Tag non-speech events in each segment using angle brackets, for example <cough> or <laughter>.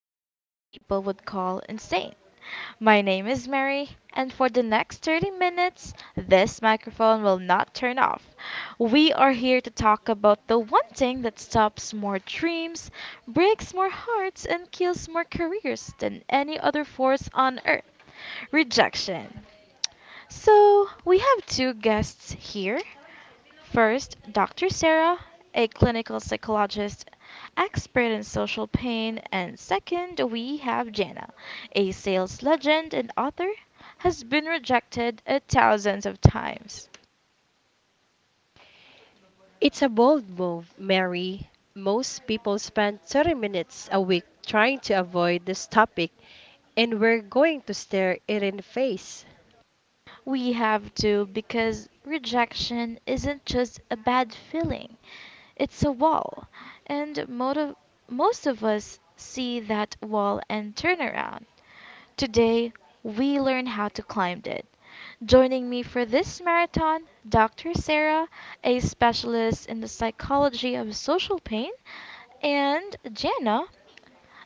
that most people would call insane. My name is Mary, and for the next 30 minutes this microphone will not turn off. We are here to talk about the one thing that stops more dreams, breaks more hearts, and kills more careers than any other force on earth: rejection. So we have two guests here. First, Dr. Sarah, a clinical psychologist, expert in social pain, and second, we have Jana, a sales legend and author, has been rejected thousands of times. It's a bold move, Mary. Most people spend 30 minutes a week trying to avoid this topic, and we're going to stare it in the face. We have to, because rejection isn't just a bad feeling, it's a wall, and most of us see that wall and turn around. Today we learn how to climb it. Joining me for this marathon, Dr. Sarah, a specialist in the psychology of social pain, and Jana,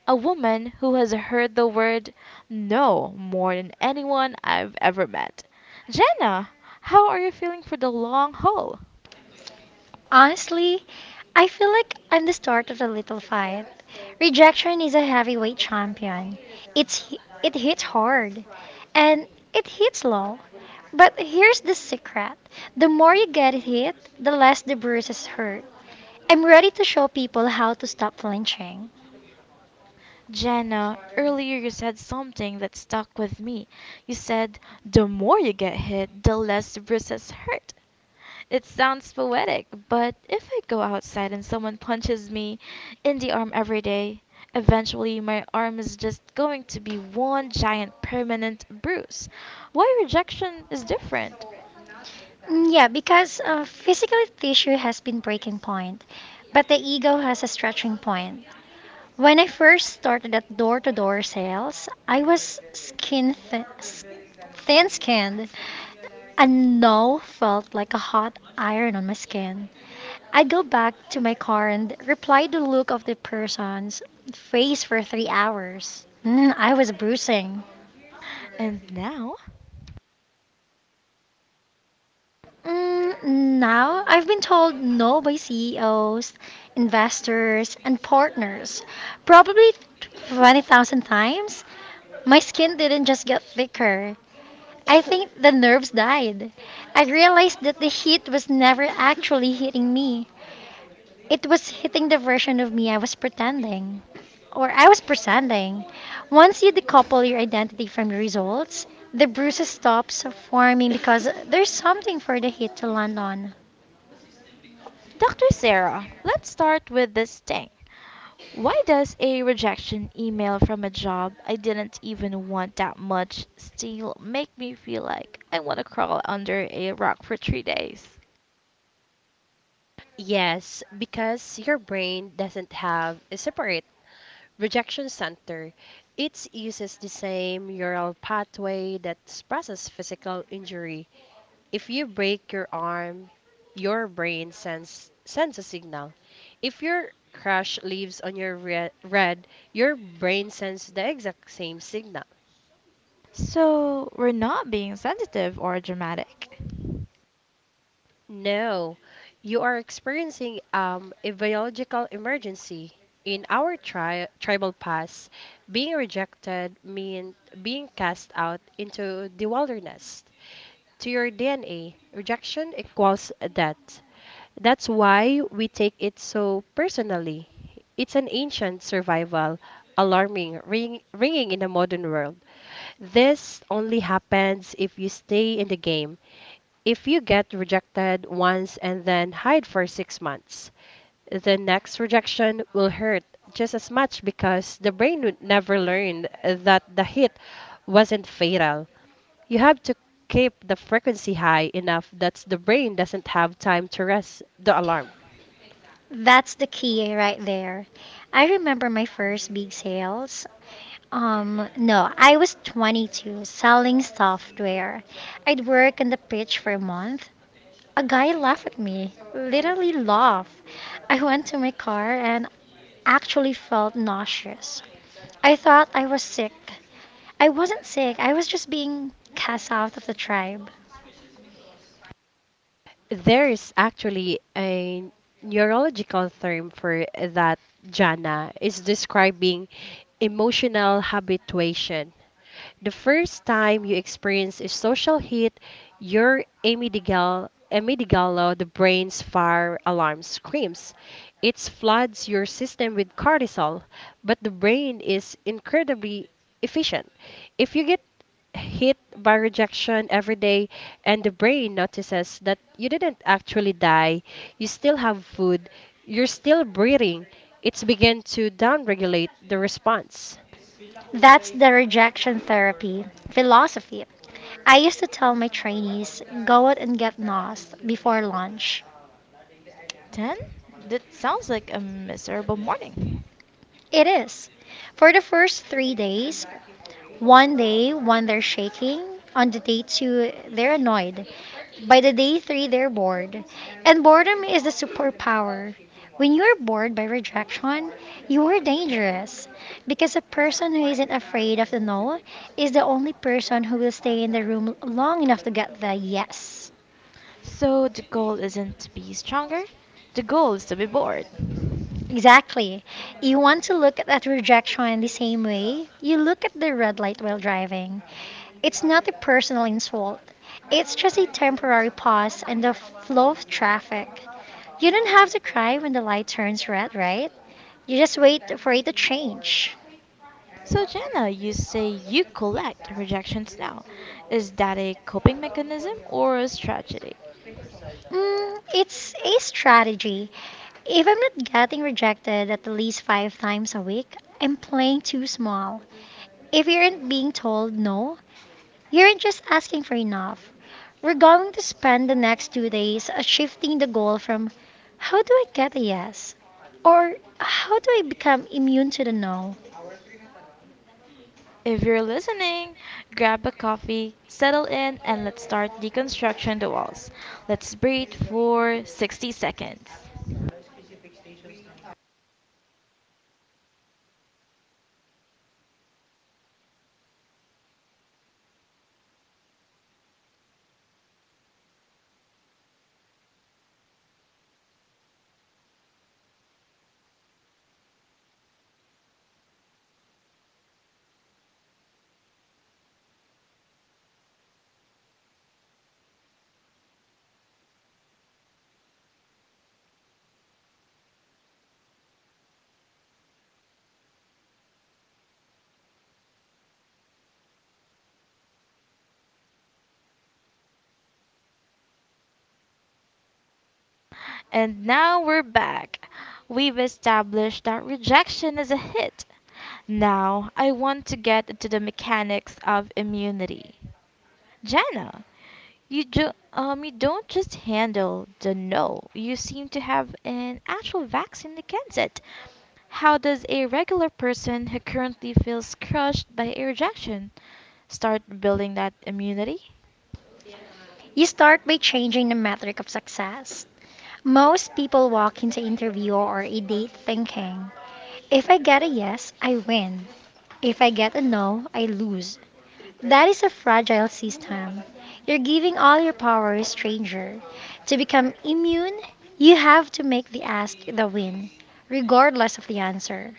a woman who has heard the word no more than anyone I've ever met. Jana, how are you feeling for the long haul? Honestly, I feel like I'm the start of a little fight. Rejection is a heavyweight champion. It's it hits hard and it hits low. But here's the secret. The more you get hit, the less the bruises hurt. I'm ready to show people how to stop flinching. Jana, earlier you said something that stuck with me. You said, the more you get hit, the less bruises hurt. It sounds poetic, but if I go outside and someone punches me in the arm every day, eventually my arm is just going to be one giant permanent bruise. Why rejection is different. Mm, yeah, because physical tissue has been breaking point, but the ego has a stretching point. When I first started at door-to-door sales, I was thin skinned. A no felt like a hot iron on my skin. I go back to my car and reply the look of the person's face for 3 hours. I was bruising. And now, Mm, Now I've been told no by CEOs, investors, and partners. Probably 20,000 times. My skin didn't just get thicker. I think the nerves died. I realized that the heat was never actually hitting me. It was hitting the version of me I was pretending, or I was pretending. Once you decouple your identity from your results, the bruises stops forming because there's something for the hit to land on. Dr. Sarah, let's start with this thing. Why does a rejection email from a job I didn't even want that much still make me feel like I want to crawl under a rock for 3 days? Yes, because your brain doesn't have a separate rejection center. It uses the same neural pathway that processes physical injury. If you break your arm, your brain sends a signal. If your crush leaves on your red, your brain sends the exact same signal. So we're not being sensitive or dramatic. No, you are experiencing a biological emergency. In our tribal past, being rejected meant being cast out into the wilderness. To your DNA, rejection equals death. That's why we take it so personally. It's an ancient survival, alarming, ringing in the modern world. This only happens if you stay in the game. If you get rejected once and then hide for 6 months, the next rejection will hurt just as much because the brain would never learned that the hit wasn't fatal. You have to keep the frequency high enough that the brain doesn't have time to rest the alarm. That's the key right there. I remember my first big sales. No, I was 22 selling software. I'd work on the pitch for a month. A guy laughed at me, literally laughed. I went to my car and actually felt nauseous. I thought I was sick. I wasn't sick, I was just being cast out of the tribe. There is actually a neurological term for that, Jana. It's describing emotional habituation. The first time you experience a social hit, your amygdala, the brain's fire alarm screams. It floods your system with cortisol, but the brain is incredibly efficient. If you get hit by rejection every day and the brain notices that you didn't actually die, you still have food, you're still breathing, it's begin to downregulate the response. That's the rejection therapy philosophy. I used to tell my trainees, go out and get lost before lunch. Then that sounds like a miserable morning. It is. For the first 3 days, one day, one they're shaking, on the day two, they're annoyed. By the day three, they're bored. And boredom is the superpower. When you're bored by rejection, you are dangerous. Because a person who isn't afraid of the no is the only person who will stay in the room long enough to get the yes. So the goal isn't to be stronger, the goal is to be bored. Exactly. You want to look at that rejection the same way you look at the red light while driving. It's not a personal insult, it's just a temporary pause in the flow of traffic. You don't have to cry when the light turns red, right? You just wait for it to change. So Jenna, you say you collect rejections now. Is that a coping mechanism or a strategy? It's a strategy. If I'm not getting rejected at least five times a week, I'm playing too small. If you aren't being told no, you aren't just asking for enough. We're going to spend the next 2 days shifting the goal from how do I get a yes or how do I become immune to the no? If you're listening, grab a coffee, settle in, and let's start deconstruction the walls. Let's breathe for 60 seconds. And now we're back. We've established that rejection is a hit. Now I want to get into the mechanics of immunity. Jana, you do, you don't just handle the no. You seem to have an actual vaccine against it. How does a regular person who currently feels crushed by a rejection start building that immunity? You start by changing the metric of success. Most people walk into interview or a date thinking, if I get a yes, I win. If I get a no, I lose. That is a fragile system. You're giving all your power to a stranger. To become immune, you have to make the ask the win, regardless of the answer.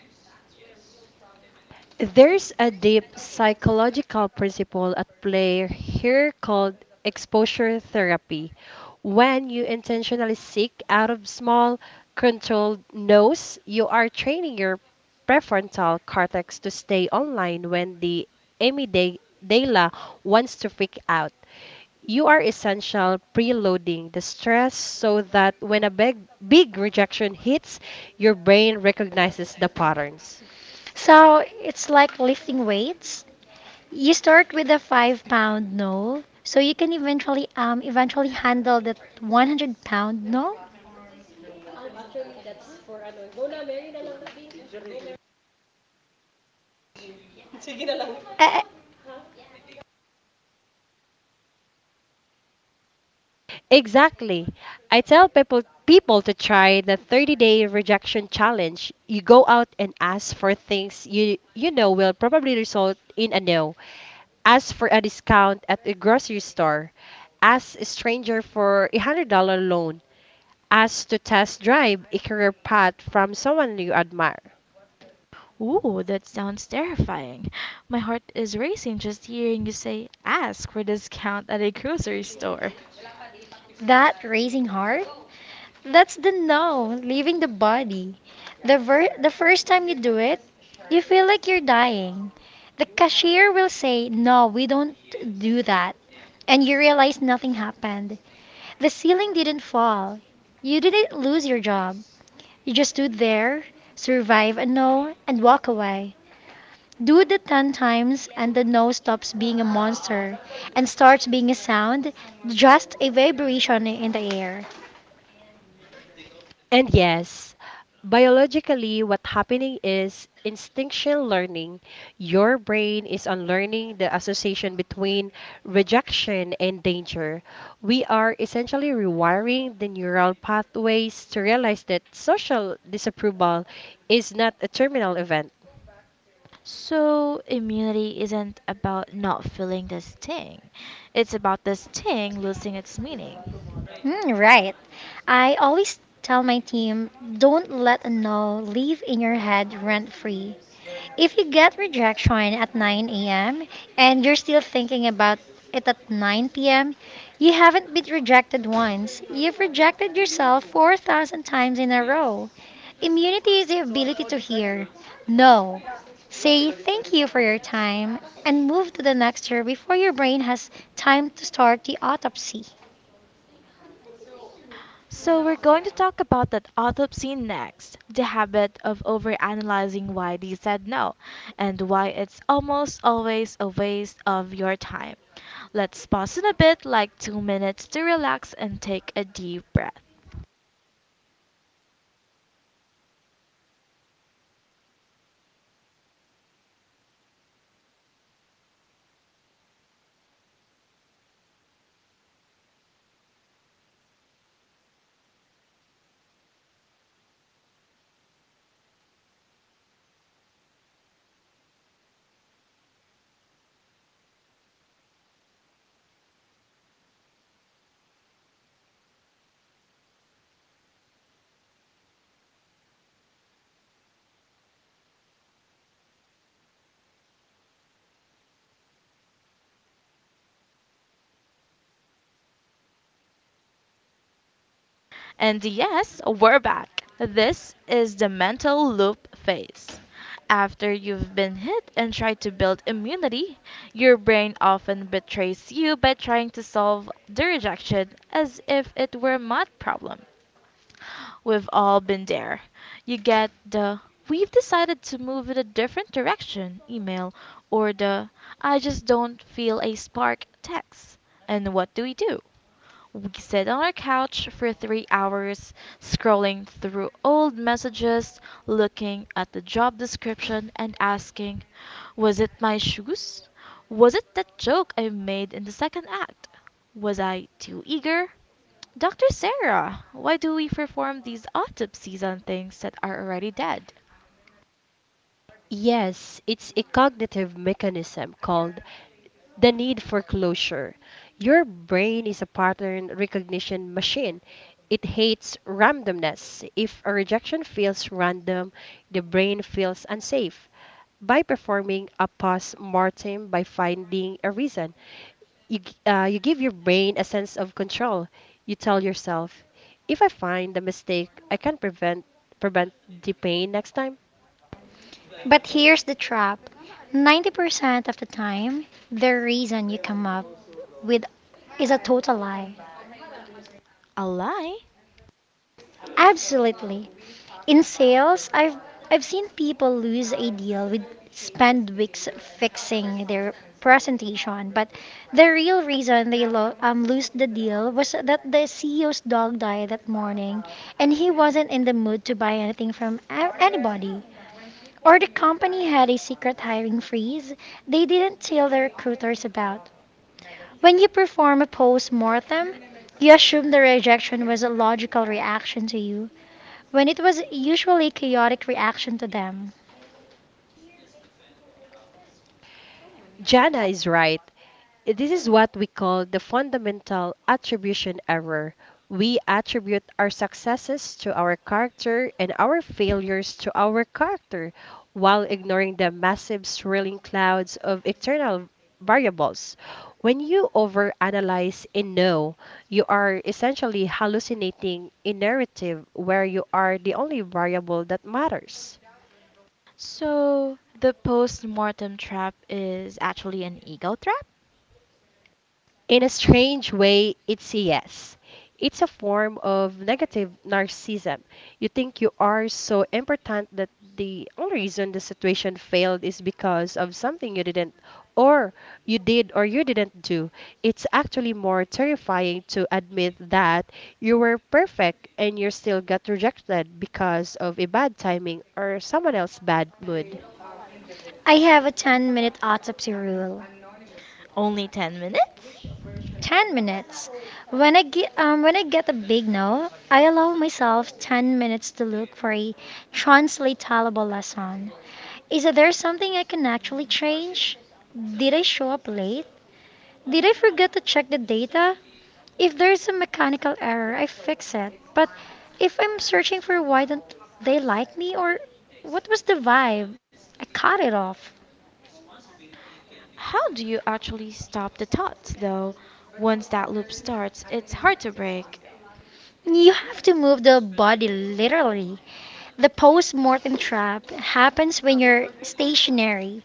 There's a deep psychological principle at play here called exposure therapy. When you intentionally seek out of small, controlled no's, you are training your prefrontal cortex to stay online when the amygdala wants to freak out. You are essentially preloading the stress so that when a big rejection hits, your brain recognizes the patterns. So it's like lifting weights. You start with a 5 pound no, so you can eventually handle that 100 pound no. Eh, eh, Exactly. I tell people to try the 30-day rejection challenge. You go out and ask for things you know will probably result in a no. Ask for a discount at a grocery store. Ask a stranger for a $100 loan. Ask to test drive a career path from someone you admire. Ooh, that sounds terrifying! My heart is racing just hearing you say, "Ask for discount at a grocery store." that raising heart That's the now, leaving the body. The first time you do it, you feel like you're dying. The cashier will say, "No, we don't do that." And you realize nothing happened. The ceiling didn't fall. You didn't lose your job. You just stood there, survive a no, and walk away. Do the 10 times, and the no stops being a monster and starts being a sound, just a vibration in the air. And yes, biologically, what's happening is instinctual learning. Your brain is unlearning the association between rejection and danger. We are essentially rewiring the neural pathways to realize that social disapproval is not a terminal event. So immunity isn't about not feeling the sting. It's about the sting losing its meaning. Mm, right. I always tell my team, don't let a no live in your head rent free. If you get rejection at 9 a.m. and you're still thinking about it at 9 p.m., you haven't been rejected once. You've rejected yourself 4,000 times in a row. Immunity is the ability to hear no, say thank you for your time, and move to the next year before your brain has time to start the autopsy. So we're going to talk about that autopsy next, the habit of overanalyzing why they said no, and why it's almost always a waste of your time. Let's pause in a bit, like 2 minutes, to relax and take a deep breath. And yes, we're back. This is the mental loop phase. After you've been hit and tried to build immunity, your brain often betrays you by trying to solve the rejection as if it were a math problem. We've all been there. You get the "we've decided to move in a different direction" email, or the "I just don't feel a spark" text. And what do? We sit on our couch for 3 hours, scrolling through old messages, looking at the job description, and asking, was it my shoes? Was it that joke I made in the second act? Was I too eager? Dr. Sarah, why do we perform these autopsies on things that are already dead? Yes, it's a cognitive mechanism called the need for closure. Your brain is a pattern recognition machine. It hates randomness. If a rejection feels random, the brain feels unsafe. By performing a post mortem, by finding a reason, you give your brain a sense of control. You tell yourself, if I find the mistake, I can prevent the pain next time. But here's the trap: 90% of the time, the reason you come up with is a total lie. A lie? Absolutely. In sales, I've seen people lose a deal with spend weeks fixing their presentation, but the real reason they lose the deal was that the CEO's dog died that morning, and he wasn't in the mood to buy anything from anybody. Or the company had a secret hiring freeze they didn't tell the recruiters about. When you perform a post mortem, you assume the rejection was a logical reaction to you, when it was usually a chaotic reaction to them. Jana is right. This is what we call the fundamental attribution error. We attribute our successes to our character and our failures to our character while ignoring the massive swirling clouds of external variables. When you overanalyze a no, you are essentially hallucinating a narrative where you are the only variable that matters. So the post mortem trap is actually an ego trap? In a strange way, it's a yes. It's a form of negative narcissism. You think you are so important that the only reason the situation failed is because of something you didn't, or you did, or you didn't do. It's actually more terrifying to admit that you were perfect and you still got rejected because of a bad timing or someone else's bad mood. I have a 10-minute autopsy rule. Only 10 minutes? 10 minutes. When I get a big no, I allow myself 10 minutes to look for a translatable lesson. Is there something I can actually change? Did I show up late? Did I forget to check the data? If there's a mechanical error, I fix it. But if I'm searching for why don't they like me or what was the vibe, I cut it off. How do you actually stop the thought, though? Once that loop starts, it's hard to break. You have to move the body literally. The post mortem trap happens when you're stationary.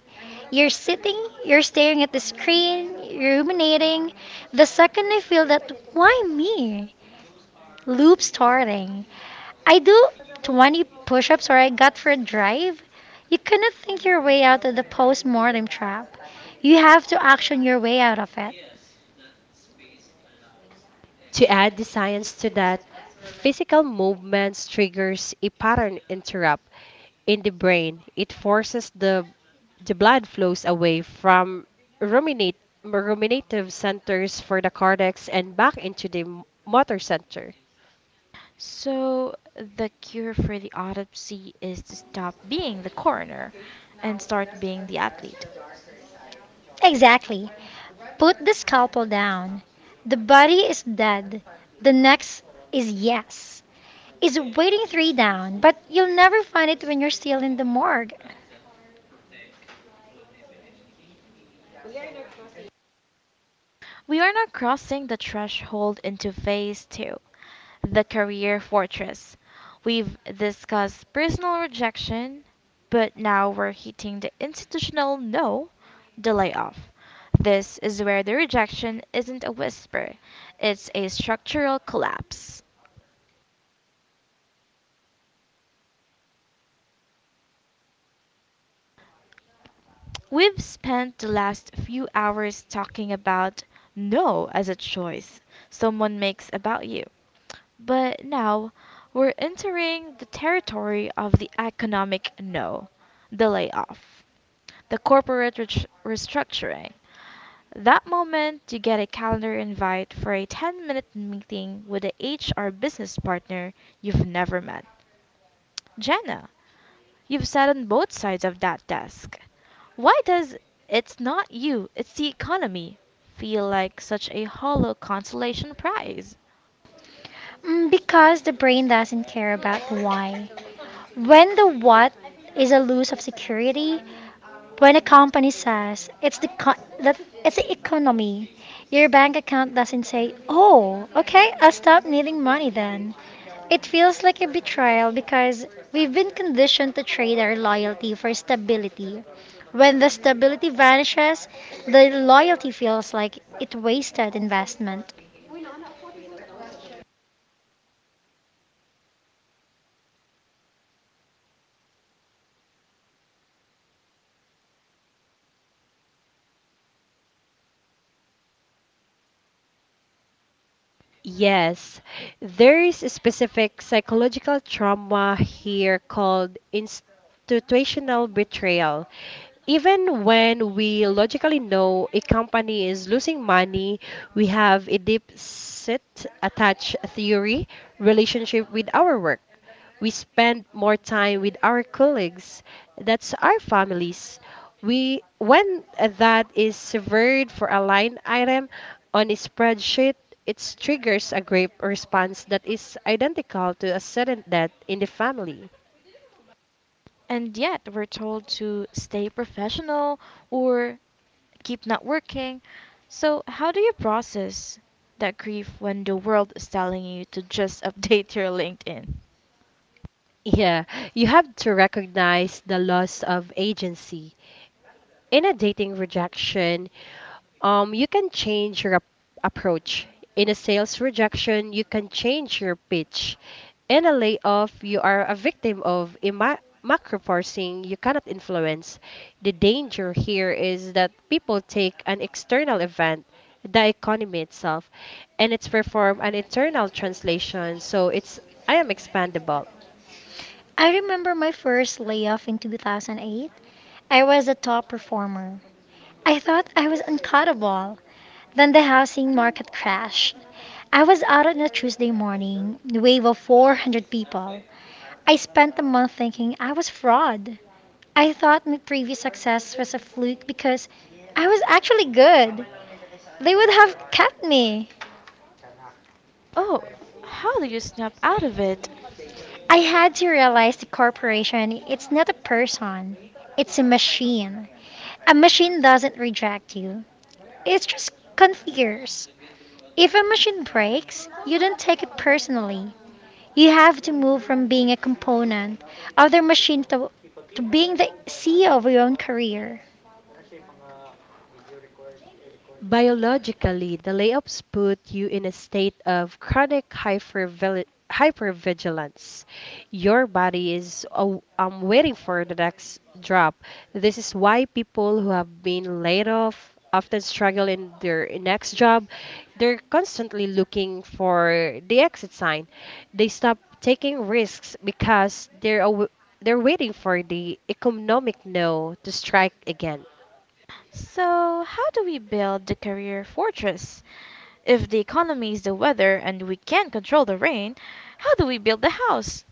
You're sitting, you're staring at the screen, you're ruminating. The second I feel that, why me? Loop starting. I do 20 push ups or I got for a drive. You cannot think your way out of the post mortem trap. You have to action your way out of it. To add the science to that, physical movements triggers a pattern interrupt in the brain. It forces the blood flows away from ruminate, ruminative centers for the cortex and back into the motor center. So the cure for the autopsy is to stop being the coroner and start being the athlete. Exactly. Put the scalpel down. The body is dead. The next is yes. Is waiting three down, but you'll never find it when you're still in the morgue. We are now crossing the threshold into phase two, the career fortress. We've discussed personal rejection, but now we're hitting the institutional no, the layoff. This is where the rejection isn't a whisper, it's a structural collapse. We've spent the last few hours talking about no as a choice someone makes about you. But now we're entering the territory of the economic no, the layoff, the corporate restructuring. That moment you get a calendar invite for a 10-minute meeting with a HR business partner you've never met. Jenna, you've sat on both sides of that desk. Why does "it's not you, it's the economy" feel like such a hollow consolation prize? Because the brain doesn't care about the why. When the what is a loss of security, when a company says it's the economy, your bank account doesn't say, "Oh, okay, I'll stop needing money then." It feels like a betrayal because we've been conditioned to trade our loyalty for stability. When the stability vanishes, the loyalty feels like it wasted investment. Yes, there is a specific psychological trauma here called institutional betrayal. Even when we logically know a company is losing money, we have a deep set attached theory relationship with our work. We spend more time with our colleagues, that's our families. We when that is severed for a line item on a spreadsheet, it triggers a grape response that is identical to a sudden death in the family. And yet we're told to stay professional, or keep not working. So how do you process that grief when the world is telling you to just <laughs> update your LinkedIn? Yeah, you have to recognize the loss of agency. In a dating rejection, you can change your approach. In a sales rejection, you can change your pitch. In a layoff, you are a victim of macro forcing you cannot influence. The danger here is that people take an external event, the economy itself, and it's perform an internal translation, so it's I am expandable. I remember my first layoff in 2008. I was a top performer. I thought I was uncuttable. Then the housing market crashed. I was out on a Tuesday morning, the wave of 400 people. I spent a month thinking I was fraud. I thought my previous success was a fluke because I was actually good. They would have kept me. Oh, how do you snap out of it? I had to realize the corporation, it's not a person, it's a machine. A machine doesn't reject you. It's just confused. If a machine breaks, you don't take it personally. You have to move from being a component of their machine to being the CEO of your own career. Biologically, the layoffs put you in a state of chronic hypervigilance. Your body is, oh, I'm waiting for the next drop. This is why people who have been laid off often struggle in their next job. They're constantly looking for the exit sign. They stop taking risks because they're waiting for the economic no to strike again. So how do we build the career fortress? If the economy is the weather and we can't control the rain, how do we build the house?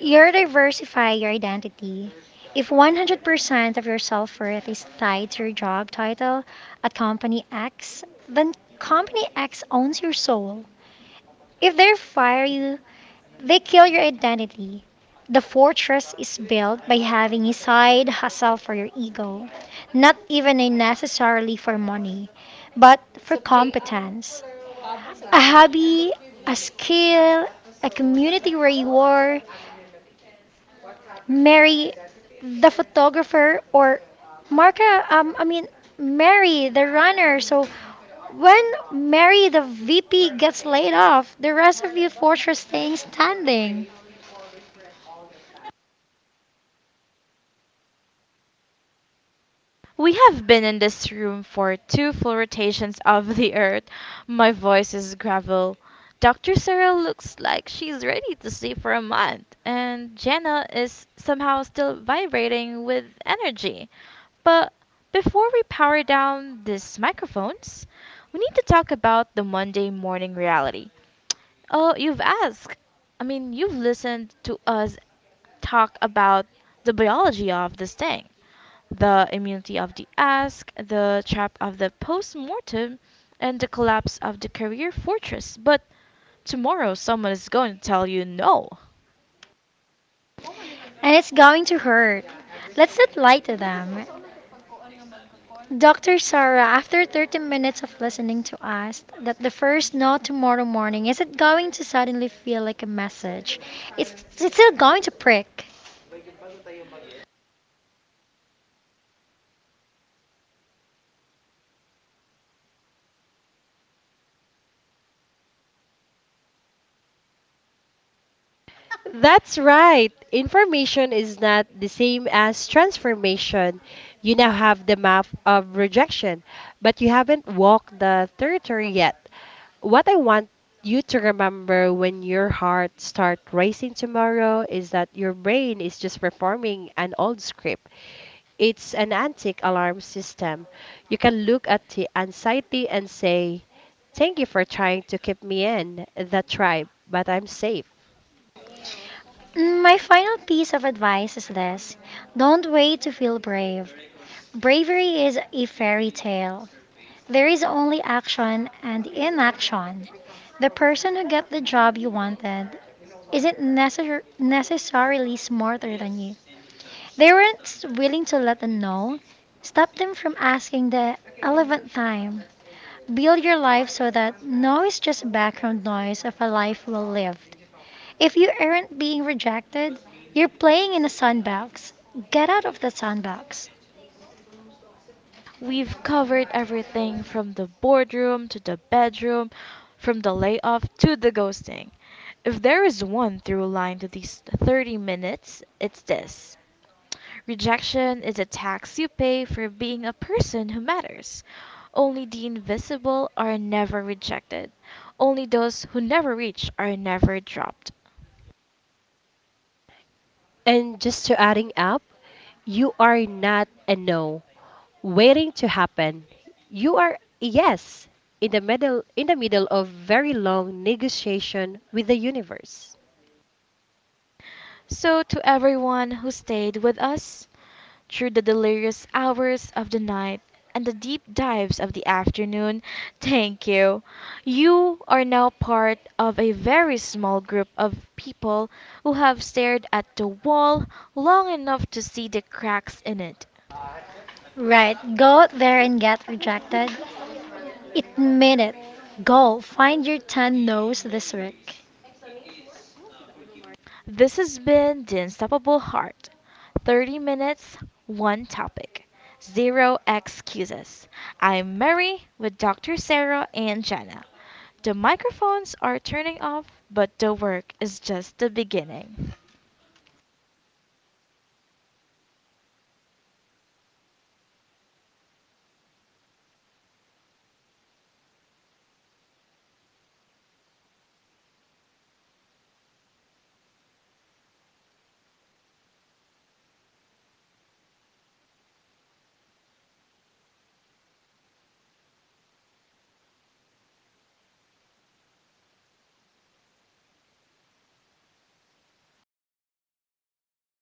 You're diversify your identity. If 100% of your self worth is tied to your job title at Company X, then Company X owns your soul. If they fire you, they kill your identity. The fortress is built by having a side hustle for your ego, not even a necessarily for money, but for competence. A hobby, a skill, a community where you are, marry the photographer or Marka, I mean, marry the runner. So when Mary the VP gets laid off, the rest of you force are staying standing. We have been in this room for two full rotations of the earth. My voice is gravel. Dr. Cyril looks like she's ready to sleep for a month, and Jenna is somehow still vibrating with energy. But before we power down these microphones, we need to talk about the Monday morning reality. Oh, you've asked. I mean, you've listened to us talk about the biology of this thing, the immunity of the ask, the trap of the post mortem, and the collapse of the career fortress. But tomorrow someone is going to tell you no. And it's going to hurt. Let's not lie to them. Dr. Sarah, after 30 minutes of listening to us, that the first no tomorrow morning isn't going to suddenly feel like a message. It's, it's still going to prick. That's right. Information is not the same as transformation. You now have the map of rejection, but you haven't walked the territory yet. What I want you to remember when your heart starts racing tomorrow is that your brain is just performing an old script. It's an antique alarm system. You can look at the anxiety and say, thank you for trying to keep me in the tribe, but I'm safe. My final piece of advice is this: don't wait to feel brave. Bravery is a fairy tale. There is only action and inaction. The person who got the job you wanted isn't necessarily smarter than you. They weren't willing to let them know. Stop them from asking the eleventh time. Build your life so that no is just background noise of a life well lived. If you aren't being rejected, you're playing in a sandbox. Get out of the sandbox. We've covered everything from the boardroom to the bedroom, from the layoff to the ghosting. If there is one through line to these 30 minutes, it's this. Rejection is a tax you pay for being a person who matters. Only the invisible are never rejected. Only those who never reach are never dropped. And just to adding up, you are not a no waiting to happen. You are a yes in the middle of very long negotiation with the universe. So to everyone who stayed with us through the delirious hours of the night and the deep dives of the afternoon, thank you. You are now part of a very small group of people who have stared at the wall long enough to see the cracks in it. Right, go out there and get rejected. Admit it. Go find your 10 no's this week. This has been The Unstoppable Heart. 30 minutes, one topic, zero excuses. I'm Mary with Dr. Sarah and Jenna. The microphones are turning off, but the work is just the beginning.